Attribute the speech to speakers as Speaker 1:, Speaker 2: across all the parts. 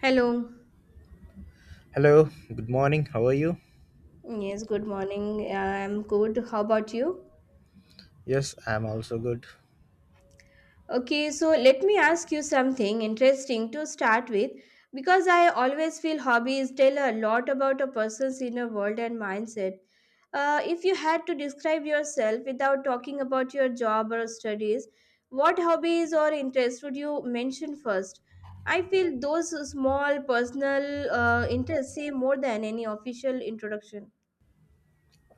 Speaker 1: Hello.
Speaker 2: Hello, good morning. How are you?
Speaker 1: Yes, good morning. I'm good. How about you?
Speaker 2: Yes, I'm also good.
Speaker 1: Okay, so let me ask you something interesting to start with because I always feel hobbies tell a lot about a person's inner world and mindset. If you had to describe yourself without talking about your job or studies, what hobbies or interests would you mention first? I feel those small personal interests say more than any official introduction.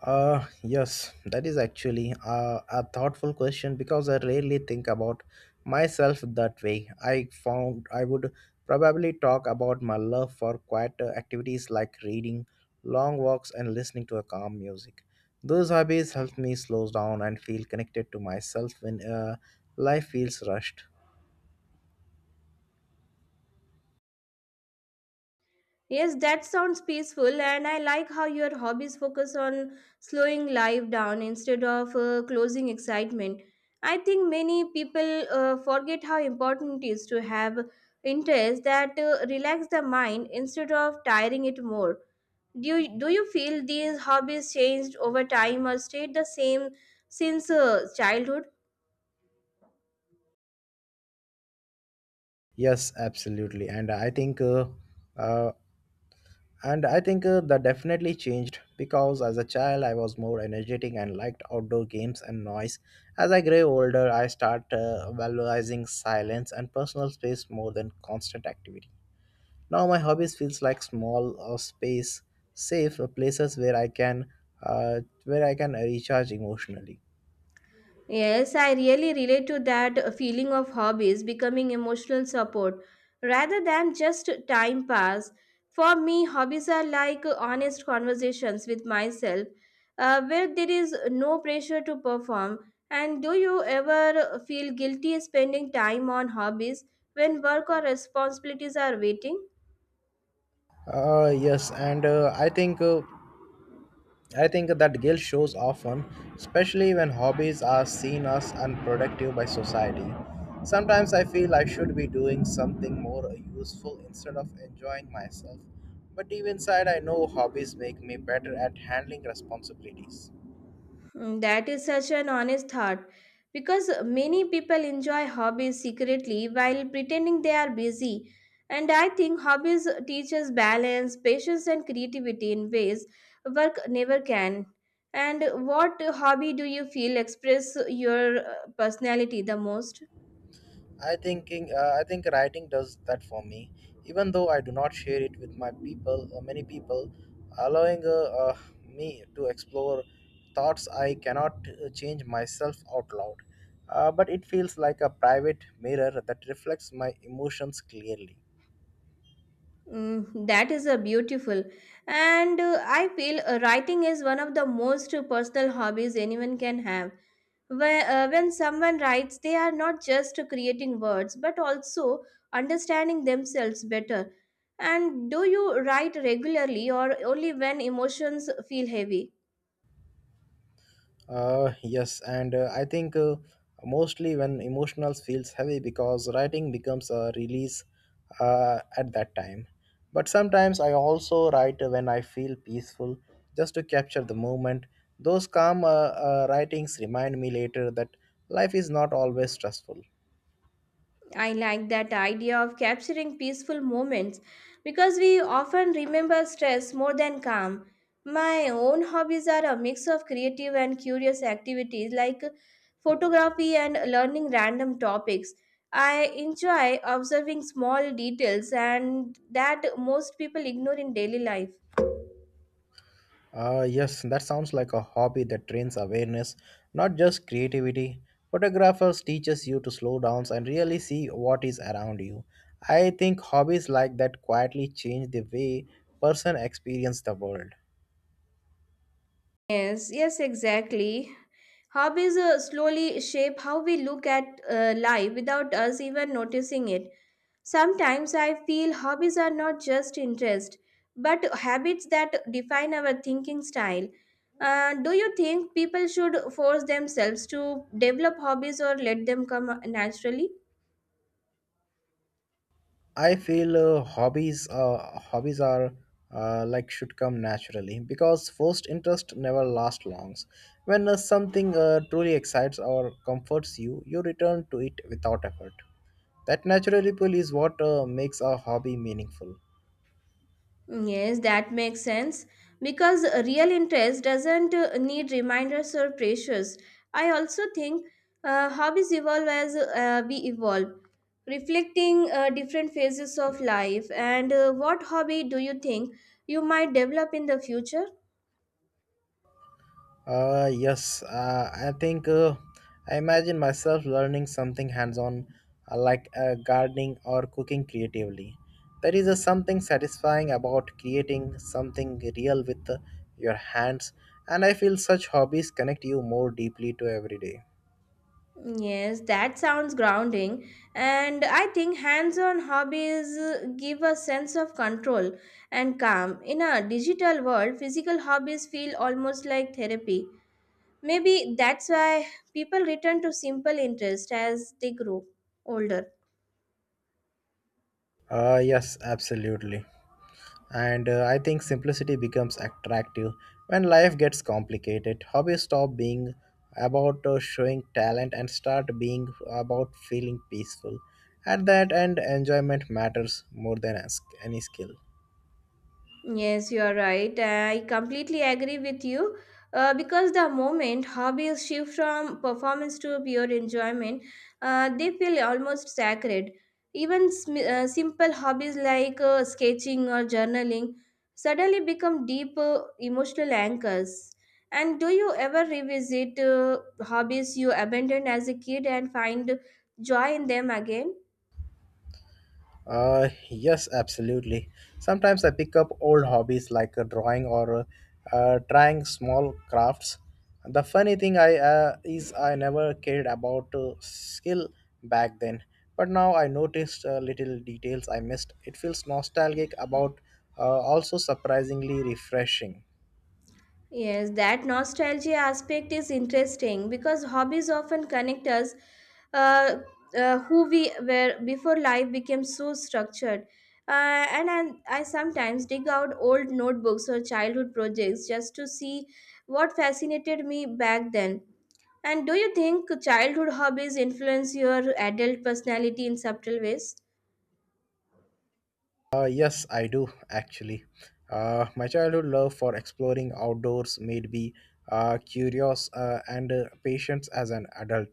Speaker 2: Yes, that is actually a thoughtful question because I rarely think about myself that way. I found I would probably talk about my love for quiet activities like reading, long walks, and listening to a calm music. Those hobbies help me slow down and feel connected to myself when life feels rushed.
Speaker 1: Yes, that sounds peaceful, and I like how your hobbies focus on slowing life down instead of closing excitement. I think many people forget how important it is to have interests that relax the mind instead of tiring it more. Do you feel these hobbies changed over time or stayed the same since childhood?
Speaker 2: Yes, absolutely. Uh, And I think that definitely changed because as a child I was more energetic and liked outdoor games and noise. As I grew older, I start valorizing silence and personal space more than constant activity. Now my hobbies feels like small space safe places where I can recharge emotionally.
Speaker 1: Yes, I really relate to that feeling of hobbies becoming emotional support rather than just time pass. For me, hobbies are like honest conversations with myself where there is no pressure to perform. And do you ever feel guilty spending time on hobbies when work or responsibilities are waiting?
Speaker 2: Yes, and I think that guilt shows often, especially when hobbies are seen as unproductive by society. Sometimes I feel I should be doing something more useful instead of enjoying myself, but deep inside, I know hobbies make me better at handling responsibilities.
Speaker 1: Mm, that is such an honest thought because many people enjoy hobbies secretly while pretending they are busy. And I think hobbies teach us balance, patience, and creativity in ways work never can. And what hobby do you feel express your personality the most?
Speaker 2: I think writing does that for me. Even though I do not share it with many people, allowing me to explore thoughts I cannot change myself out loud. But it feels like a private mirror that reflects my emotions clearly.
Speaker 1: Mm, that is a beautiful. And I feel writing is one of the most personal hobbies anyone can have. When someone writes, they are not just creating words but also understanding themselves better. And do you write regularly or only when emotions feel heavy?
Speaker 2: Yes, and I think mostly when emotional feels heavy because writing becomes a release at that time. But sometimes I also write when I feel peaceful just to capture the moment. Those calm writings remind me later that life is not always stressful.
Speaker 1: I like that idea of capturing peaceful moments because we often remember stress more than calm. My own hobbies are a mix of creative and curious activities like photography and learning random topics. I enjoy observing small details and that most people ignore in daily life.
Speaker 2: Yes, that sounds like a hobby that trains awareness, not just creativity. Photographers teaches you to slow down and really see what is around you. I think hobbies like that quietly change the way person experience the world.
Speaker 1: Yes, yes, exactly. Hobbies slowly shape how we look at life without us even noticing it. Sometimes I feel hobbies are not just interest, but habits that define our thinking style. Do you think people should force themselves to develop hobbies or let them come naturally?
Speaker 2: I feel hobbies are like should come naturally because first interest never lasts longs. When something truly excites or comforts you, you return to it without effort. That natural ripple is what makes a hobby meaningful.
Speaker 1: Yes, that makes sense because real interest doesn't need reminders or pressures. I also think hobbies evolve as we evolve, reflecting different phases of life. And what hobby do you think you might develop in the future?
Speaker 2: Yes, I think I imagine myself learning something hands on, like gardening or cooking creatively. There is a something satisfying about creating something real with your hands, and I feel such hobbies connect you more deeply to every day.
Speaker 1: Yes, that sounds grounding. And I think hands on hobbies give a sense of control and calm. In a digital world, physical hobbies feel almost like therapy. Maybe that's why people return to simple interests as they grow older.
Speaker 2: Yes, absolutely. And I think simplicity becomes attractive when life gets complicated. Hobbies stop being about showing talent and start being about feeling peaceful. At that end, enjoyment matters more than any skill.
Speaker 1: Yes, you are right. I completely agree with you. Because the moment hobbies shift from performance to pure enjoyment, they feel almost sacred. Even simple hobbies like sketching or journaling suddenly become deep emotional anchors. And do you ever revisit hobbies you abandoned as a kid and find joy in them again?
Speaker 2: Yes, absolutely. Sometimes I pick up old hobbies like drawing or trying small crafts. The funny thing I is I never cared about skill back then, but now I noticed little details I missed. It feels nostalgic about also surprisingly refreshing.
Speaker 1: Yes, that nostalgia aspect is interesting because hobbies often connect us uh, who we were before life became so structured. And I sometimes dig out old notebooks or childhood projects just to see what fascinated me back then. And do you think childhood hobbies influence your adult personality in subtle ways?
Speaker 2: Yes, I do actually. My childhood love for exploring outdoors made me curious and patient as an adult.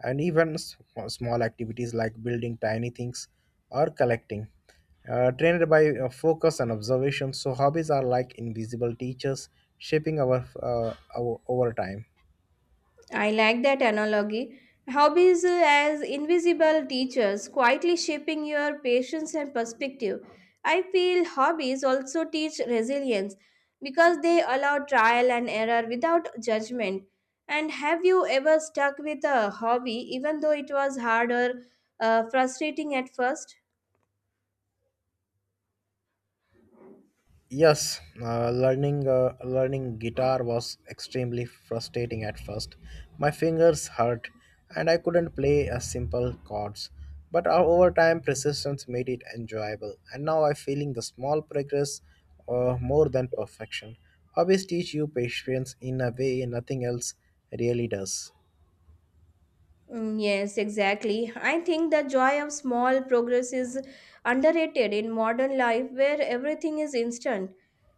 Speaker 2: And even small activities like building tiny things or collecting. Trained by focus and observation, so hobbies are like invisible teachers shaping our over time.
Speaker 1: I like that analogy. Hobbies as invisible teachers, quietly shaping your patience and perspective. I feel hobbies also teach resilience because they allow trial and error without judgment. And have you ever stuck with a hobby even though it was hard or frustrating at first?
Speaker 2: Yes, learning guitar was extremely frustrating at first. My fingers hurt, and I couldn't play a simple chords. But over time, persistence made it enjoyable, and now I'm feeling the small progress more than perfection. Hobbies teach you patience in a way nothing else really does.
Speaker 1: Mm, yes, exactly. I think the joy of small progress is underrated in modern life where everything is instant.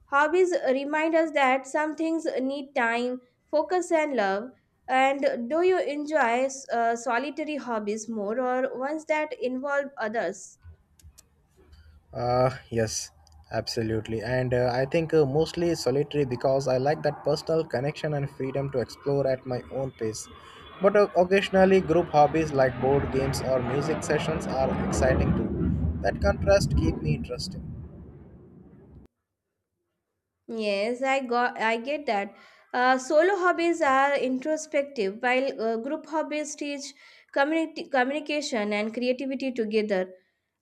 Speaker 1: Hobbies remind us that some things need time, focus, and love. And do you enjoy solitary hobbies more or ones that involve others?
Speaker 2: Yes, absolutely. And I think mostly solitary because I like that personal connection and freedom to explore at my own pace. But occasionally, group hobbies like board games or music sessions are exciting too. That contrast keep me interested.
Speaker 1: Yes, I get that. Solo hobbies are introspective, while group hobbies teach community communication and creativity together.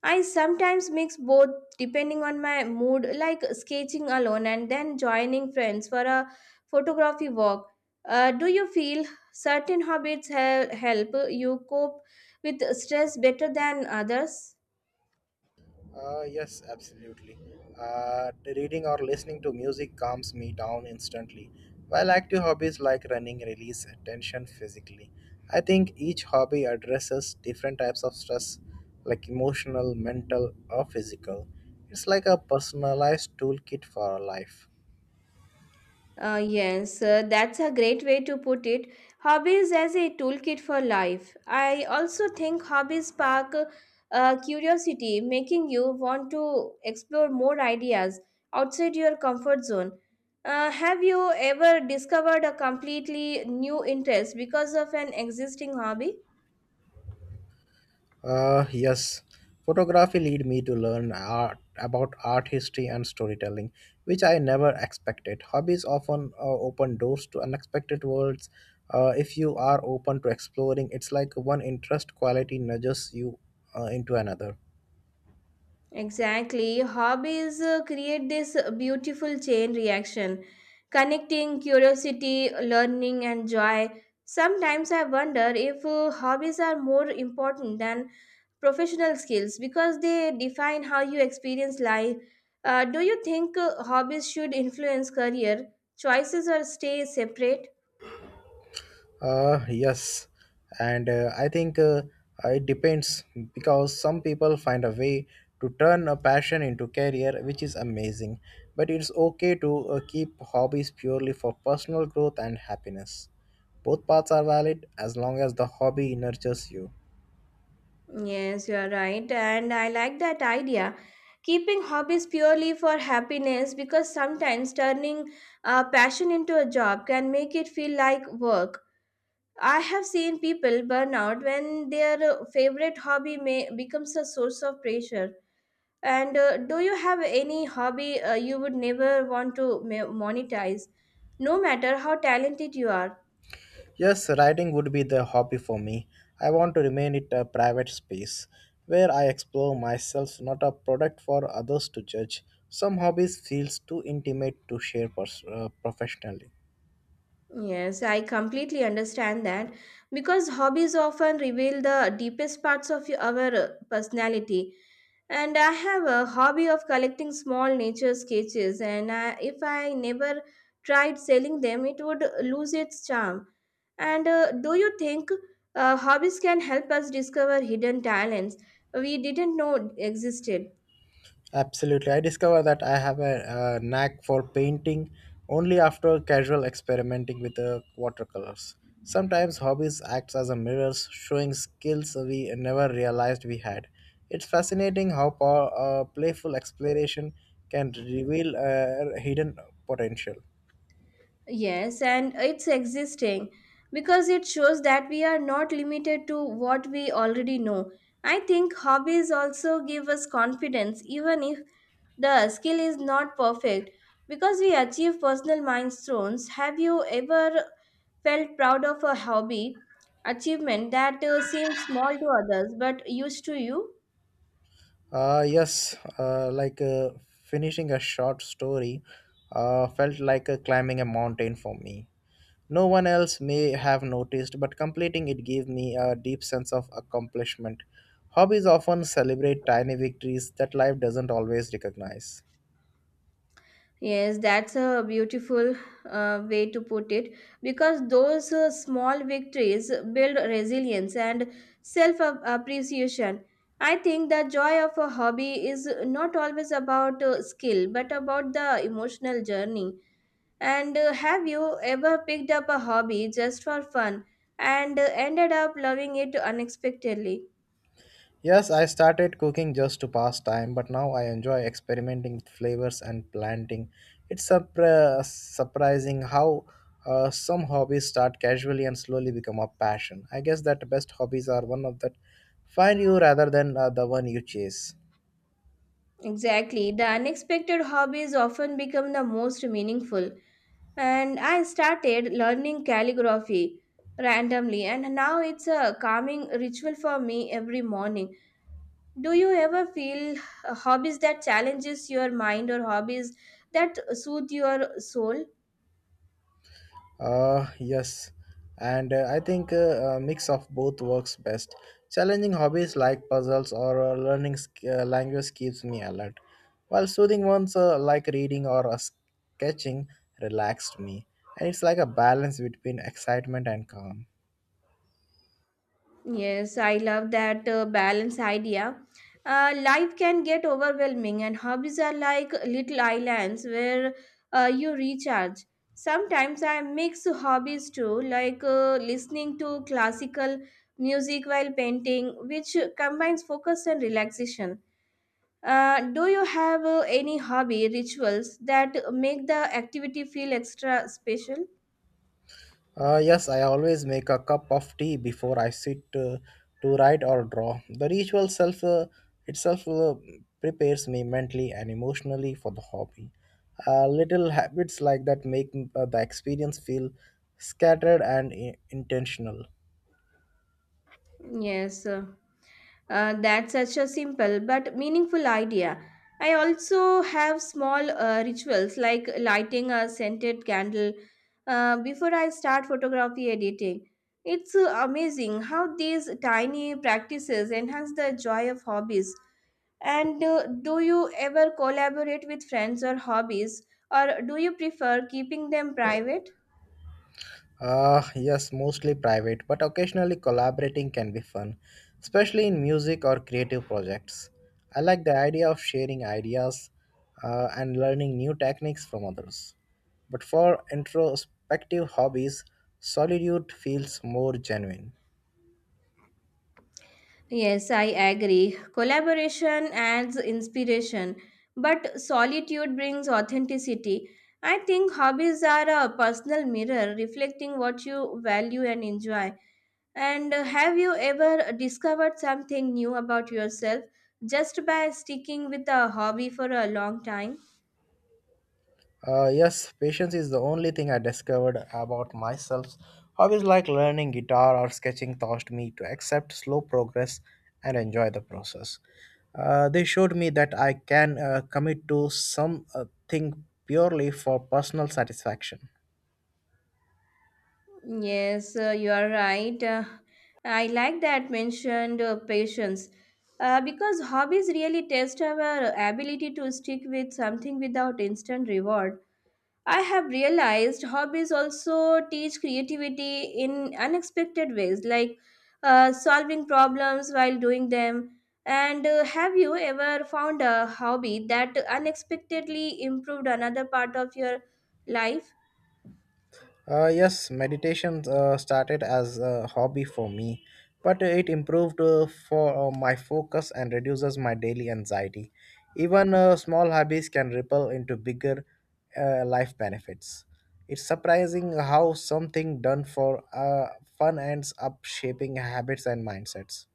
Speaker 1: I sometimes mix both depending on my mood, like sketching alone and then joining friends for a photography walk. Do you feel certain hobbies help you cope with stress better than others?
Speaker 2: Yes, absolutely. Reading or listening to music calms me down instantly, while active hobbies like running release tension physically. I think each hobby addresses different types of stress, like emotional, mental, or physical. It's like a personalized toolkit for our life.
Speaker 1: Yes, that's a great way to put it. Hobbies as a toolkit for life. I also think hobbies spark curiosity, making you want to explore more ideas outside your comfort zone. Have you ever discovered a completely new interest because of an existing hobby?
Speaker 2: Yes, photography lead me to learn art about art history and storytelling, which I never expected. Hobbies often open doors to unexpected worlds. If you are open to exploring, it's like one interest quality nudges you into another.
Speaker 1: Exactly. Hobbies create this beautiful chain reaction, connecting curiosity, learning, and joy. Sometimes I wonder if hobbies are more important than professional skills because they define how you experience life. Do you think hobbies should influence career choices or stay separate?
Speaker 2: Yes, and I think it depends because some people find a way to turn a passion into career, which is amazing. But it's okay to keep hobbies purely for personal growth and happiness. Both paths are valid as long as the hobby nurtures you.
Speaker 1: Yes, you are right. And I like that idea. Keeping hobbies purely for happiness because sometimes turning a passion into a job can make it feel like work. I have seen people burn out when their favorite hobby may becomes a source of pressure. And do you have any hobby you would never want to monetize, no matter how talented you are?
Speaker 2: Yes, writing would be the hobby for me. I want to remain it a private space where I explore myself, not a product for others to judge. Some hobbies feels too intimate to share professionally.
Speaker 1: Yes, I completely understand that because hobbies often reveal the deepest parts of our personality. And I have a hobby of collecting small nature sketches, and I, if I never tried selling them, it would lose its charm. And do you think hobbies can help us discover hidden talents we didn't know existed?
Speaker 2: Absolutely. I discovered that I have a knack for painting only after casual experimenting with the watercolors. Sometimes hobbies act as a mirrors, showing skills we never realized we had. It's fascinating how playful exploration can reveal hidden potential.
Speaker 1: Yes, and it's existing because it shows that we are not limited to what we already know. I think hobbies also give us confidence, even if the skill is not perfect, because we achieve personal milestones. Have you ever felt proud of a hobby achievement that seemed small to others but used to you?
Speaker 2: Yes, like finishing a short story felt like climbing a mountain for me. No one else may have noticed, but completing it gave me a deep sense of accomplishment. Hobbies often celebrate tiny victories that life doesn't always recognize.
Speaker 1: Yes, that's a beautiful way to put it because those small victories build resilience and self appreciation. I think the joy of a hobby is not always about skill but about the emotional journey. And have you ever picked up a hobby just for fun and ended up loving it unexpectedly?
Speaker 2: Yes, I started cooking just to pass time, but now I enjoy experimenting with flavors and planting. It's surprising how some hobbies start casually and slowly become a passion. I guess that best hobbies are one of that find you rather than the one you chase.
Speaker 1: Exactly, the unexpected hobbies often become the most meaningful. And I started learning calligraphy randomly and now it's a calming ritual for me every morning. Do you ever feel hobbies that challenges your mind or hobbies that soothe your soul?
Speaker 2: Yes, and I think a mix of both works best. Challenging hobbies like puzzles or learning language keeps me alert, while soothing ones like reading or sketching relaxed me. And it's like a balance between excitement and calm.
Speaker 1: Yes, I love that balance idea. Life can get overwhelming, and hobbies are like little islands where you recharge. Sometimes I mix hobbies too, like listening to classical music while painting, which combines focus and relaxation. Do you have any hobby rituals that make the activity feel extra special?
Speaker 2: Yes, I always make a cup of tea before I sit to write or draw. The ritual self itself prepares me mentally and emotionally for the hobby. Little habits like that make the experience feel scattered and intentional.
Speaker 1: Yes. That's such a simple but meaningful idea. I also have small rituals like lighting a scented candle before I start photography editing. It's amazing how these tiny practices enhance the joy of hobbies. And do you ever collaborate with friends or hobbies, or do you prefer keeping them private?
Speaker 2: Yes, mostly private, but occasionally collaborating can be fun, especially in music or creative projects. I like the idea of sharing ideas and learning new techniques from others. But for introspective hobbies, solitude feels more genuine.
Speaker 1: Yes, I agree. Collaboration adds inspiration, but solitude brings authenticity. I think hobbies are a personal mirror reflecting what you value and enjoy. And have you ever discovered something new about yourself just by sticking with a hobby for a long time?
Speaker 2: Yes, patience is the only thing I discovered about myself. Hobbies like learning guitar or sketching taught me to accept slow progress and enjoy the process. They showed me that I can commit to something purely for personal satisfaction.
Speaker 1: Yes, you are right. I like that mentioned patience because hobbies really test our ability to stick with something without instant reward. I have realized hobbies also teach creativity in unexpected ways, like solving problems while doing them. And have you ever found a hobby that unexpectedly improved another part of your life?
Speaker 2: Yes, meditation started as a hobby for me, but it improved for my focus and reduces my daily anxiety. Even small hobbies can ripple into bigger life benefits. It's surprising how something done for fun ends up shaping habits and mindsets.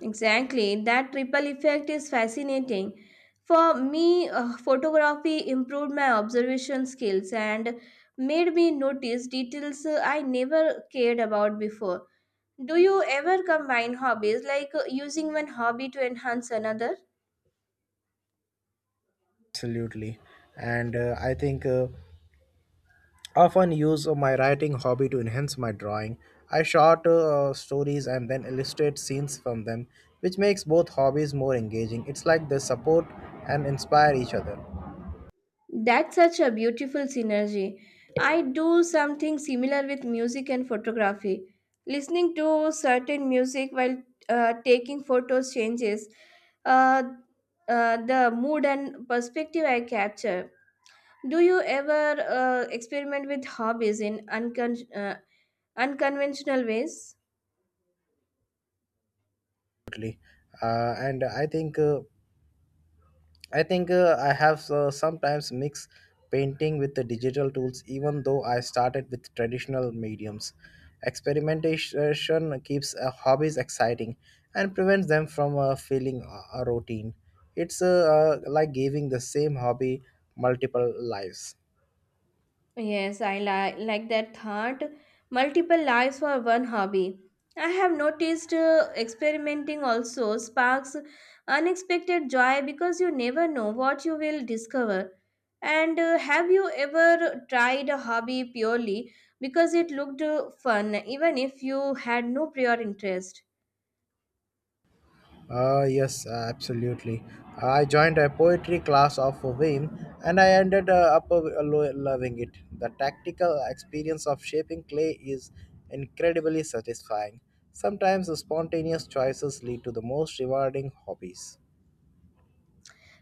Speaker 1: Exactly, that triple effect is fascinating. For me, photography improved my observation skills and made me notice details I never cared about before. Do you ever combine hobbies, like using one hobby to enhance another?
Speaker 2: Absolutely. And I think often use my writing hobby to enhance my drawing. I short stories and then illustrate scenes from them, which makes both hobbies more engaging. It's like they support and inspire each other.
Speaker 1: That's such a beautiful synergy. I do something similar with music and photography. Listening to certain music while taking photos changes uh, the mood and perspective I capture. Do you ever experiment with hobbies in unconventional ways?
Speaker 2: Totally. And I think I have sometimes mixed painting with the digital tools, even though I started with traditional mediums. Experimentation keeps hobbies exciting and prevents them from feeling a routine. It's like giving the same hobby multiple lives.
Speaker 1: Yes, I like that thought. Multiple lives for one hobby. I have noticed experimenting also sparks unexpected joy because you never know what you will discover. And have you ever tried a hobby purely because it looked fun, even if you had no prior interest?
Speaker 2: Yes, absolutely. I joined a poetry class of Vim and I ended up loving it. The tactical experience of shaping clay is incredibly satisfying. Sometimes the spontaneous choices lead to the most rewarding hobbies.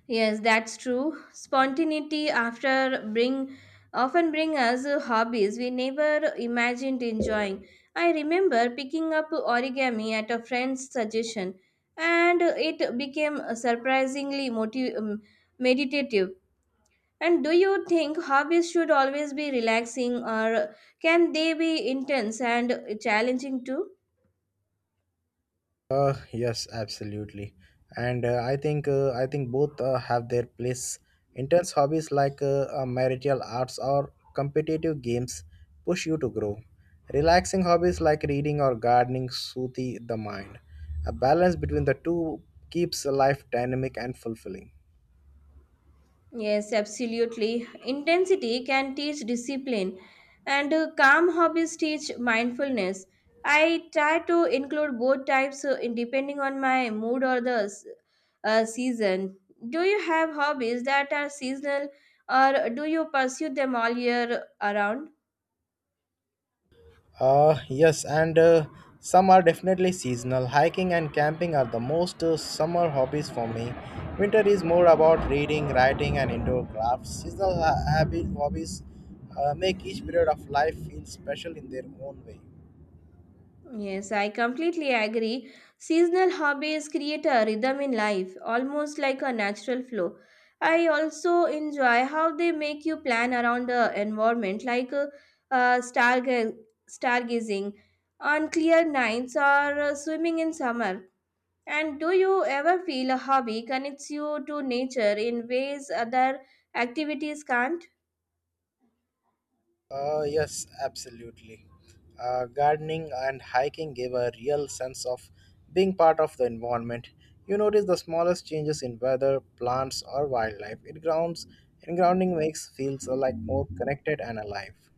Speaker 1: Yes, that's true. Spontaneity after bring often bring us hobbies we never imagined enjoying. I remember picking up origami at a friend's suggestion, and it became surprisingly meditative. And do you think hobbies should always be relaxing, or can they be intense and challenging too?
Speaker 2: Yes, absolutely. And I think both have their place. Intense hobbies like martial arts or competitive games push you to grow. Relaxing hobbies like reading or gardening soothe the mind. A balance between the two keeps life dynamic and fulfilling.
Speaker 1: Yes, absolutely. Intensity can teach discipline, and calm hobbies teach mindfulness. I try to include both types depending on my mood or the season. Do you have hobbies that are seasonal, or do you pursue them all year around?
Speaker 2: Yes, and some are definitely seasonal. Hiking and camping are the most summer hobbies for me. Winter is more about reading, writing, and indoor crafts. Seasonal hobbies make each period of life feel special in their own way.
Speaker 1: Yes, I completely agree. Seasonal hobbies create a rhythm in life, almost like a natural flow. I also enjoy how they make you plan around the environment, like uh, starga- stargazing on clear nights or swimming in summer. And do you ever feel a hobby connects you to nature in ways other activities can't?
Speaker 2: Yes, absolutely. Gardening and hiking give a real sense of being part of the environment. You notice the smallest changes in weather, plants, or wildlife. It grounds and grounding makes feels like more connected and alive.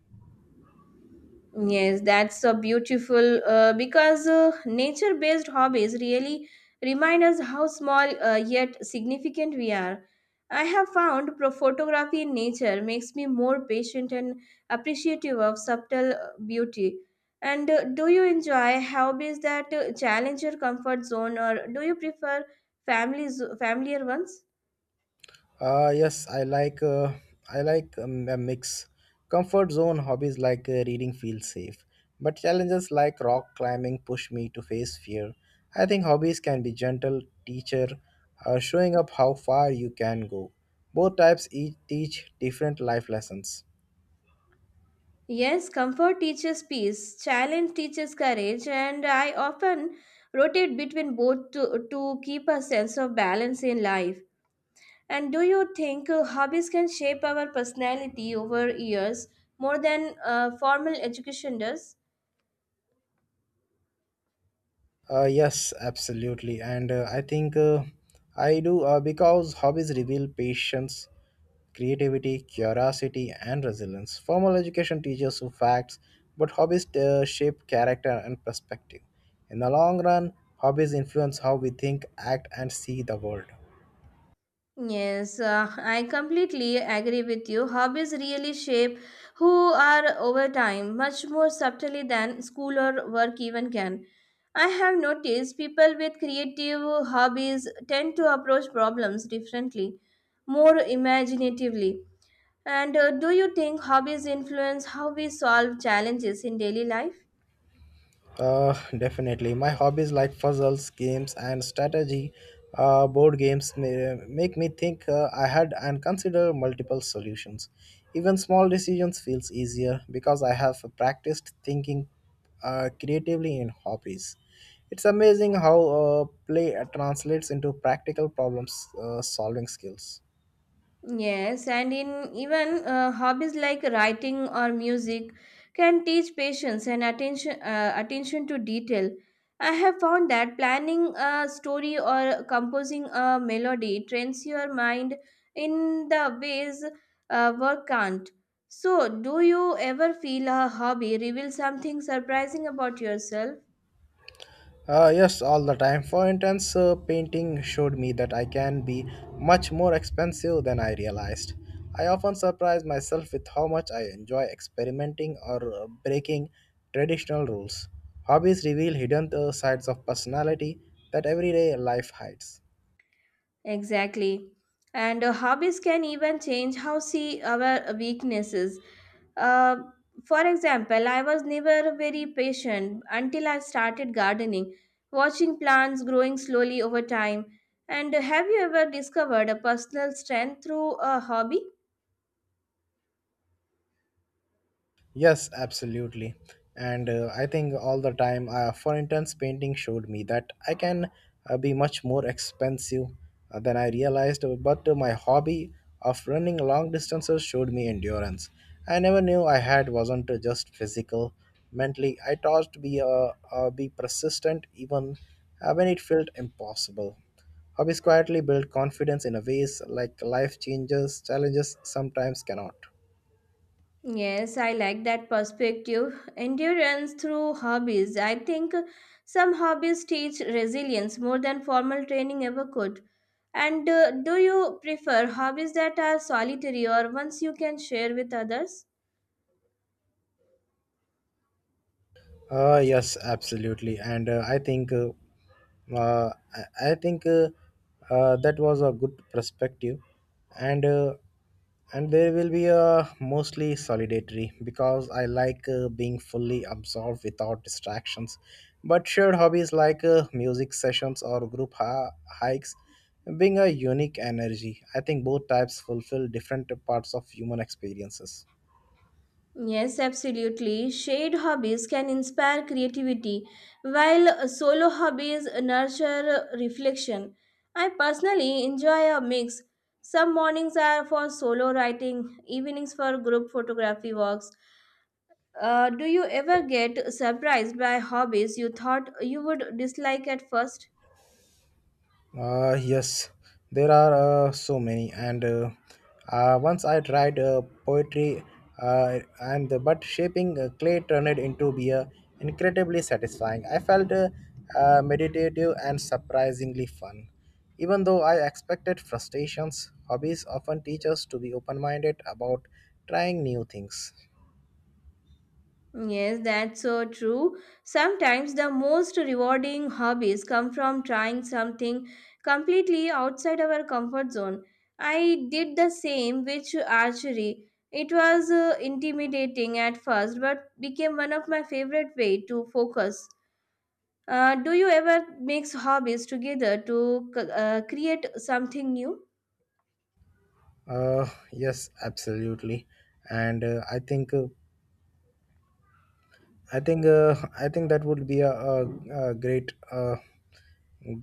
Speaker 1: Yes, that's so beautiful because nature based hobbies really remind us how small yet significant we are. I have found photography in nature makes me more patient and appreciative of subtle beauty. And do you enjoy hobbies that challenge your comfort zone or do you prefer familiar ones?
Speaker 2: Yes, I like a mix. Comfort zone hobbies like reading feel safe, but challenges like rock climbing push me to face fear. I think hobbies can be gentle teacher, showing up how far you can go. Both types each teach different life lessons.
Speaker 1: Yes, comfort teaches peace, challenge teaches courage, and I often rotate between both to keep a sense of balance in life. And do you think hobbies can shape our personality over years more than formal education does?
Speaker 2: Yes, absolutely. And I do because hobbies reveal patience, creativity, curiosity, and resilience. Formal education teaches you facts, but hobbies shape character and perspective. In the long run, hobbies influence how we think, act, and see the world.
Speaker 1: Yes, I completely agree with you. Hobbies really shape who are over time, much more subtly than school or work even can. I have noticed people with creative hobbies tend to approach problems differently, more imaginatively. And do you think hobbies influence how we solve challenges in daily life?
Speaker 2: Definitely. My hobbies like puzzles, games, and strategy, board games make me think ahead and consider multiple solutions. Even small decisions feels easier because I have practiced thinking creatively in hobbies. It's amazing how play translates into practical problems solving skills.
Speaker 1: Yes, and in even hobbies like writing or music can teach patience and attention to detail. I have found that planning a story or composing a melody trains your mind in the ways work can't. So, do you ever feel a hobby reveals something surprising about yourself?
Speaker 2: Yes, all the time. For instance, painting showed me that I can be much more expensive than I realized. I often surprise myself with how much I enjoy experimenting or breaking traditional rules. Hobbies reveal hidden sides of personality that everyday life hides.
Speaker 1: Exactly. And hobbies can even change how see our weaknesses. Uh, for example, I was never very patient until I started gardening, watching plants growing slowly over time. And have you ever discovered a personal strength through a hobby?
Speaker 2: Yes, absolutely. And I think all the time. For instance, painting showed me that I can be much more expensive than I realized. But my hobby of running long distances showed me endurance. I never knew I had wasn't just physical. Mentally, I taught to be persistent even when it felt impossible. Hobbies quietly build confidence in a ways like life changes challenges sometimes cannot.
Speaker 1: Yes, I like that perspective. Endurance through hobbies. I think some hobbies teach resilience more than formal training ever could. And do you prefer hobbies that are solitary or ones you can share with others?
Speaker 2: Yes, absolutely, and I think that was a good perspective, and uh, and there will be a mostly solitary because I like being fully absorbed without distractions. But shared hobbies like music sessions or group hikes bring a unique energy. I think both types fulfill different parts of human experiences.
Speaker 1: Yes, absolutely. Shared hobbies can inspire creativity, while solo hobbies nurture reflection. I personally enjoy a mix. Some mornings are for solo writing, evenings for group photography walks. Do you ever get surprised by hobbies you thought you would dislike at first?
Speaker 2: Yes, there are so many, and once I tried poetry, and but shaping clay turned it into beer incredibly satisfying. I felt meditative and surprisingly fun, even though I expected frustrations. Hobbies often teach us to be open-minded about trying new things.
Speaker 1: Yes, that's so true. Sometimes the most rewarding hobbies come from trying something completely outside our comfort zone. I did the same with archery. It was intimidating at first, but became one of my favorite way to focus. Do you ever mix hobbies together to create something new?
Speaker 2: Uh, yes, absolutely, and I think that would be a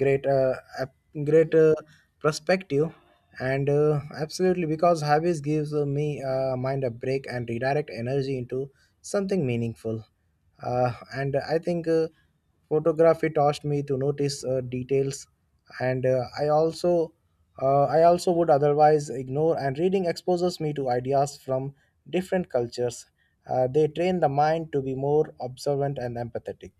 Speaker 2: great uh, ap- great perspective, and absolutely because hobbies gives me mind a break and redirect energy into something meaningful. And I think, photography taught me to notice details, and I also would otherwise ignore, and reading exposes me to ideas from different cultures. They train the mind to be more observant and empathetic.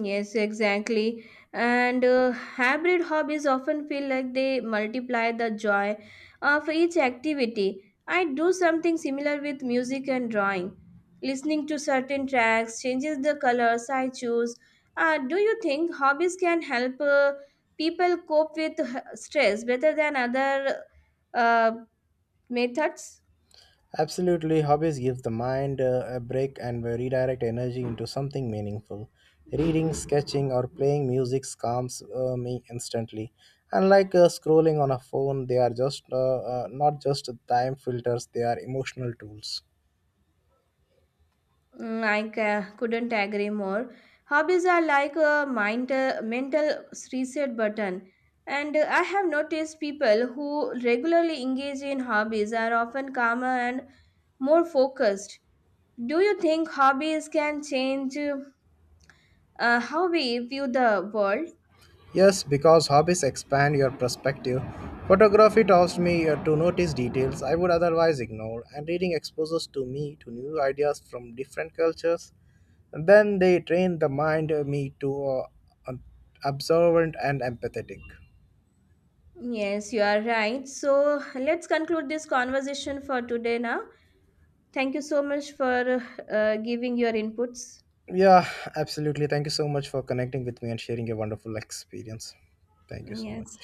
Speaker 1: Yes, exactly. And hybrid hobbies often feel like they multiply the joy of each activity. I do something similar with music and drawing. Listening to certain tracks changes the colors I choose. Do you think hobbies can help people cope with stress better than other uh, methods?
Speaker 2: Absolutely, hobbies give the mind a break and redirect energy into something meaningful. Reading, sketching, or playing music calms me instantly. Unlike scrolling on a phone, they are just not just time filters; they are emotional tools.
Speaker 1: Mm, couldn't agree more. Hobbies are like a mental reset button. And I have noticed people who regularly engage in hobbies are often calmer and more focused. Do you think hobbies can change how we view the world?
Speaker 2: Yes, because hobbies expand your perspective. Photography taught me to notice details I would otherwise ignore, and reading exposes to me to new ideas from different cultures. Then they train the mind me to uh, observant and empathetic.
Speaker 1: Yes, you are right. So let's conclude this conversation for today now. Thank you so much for giving your inputs.
Speaker 2: Yeah, absolutely. Thank you so much for connecting with me and sharing your wonderful experience. Thank you so much.
Speaker 1: Yes.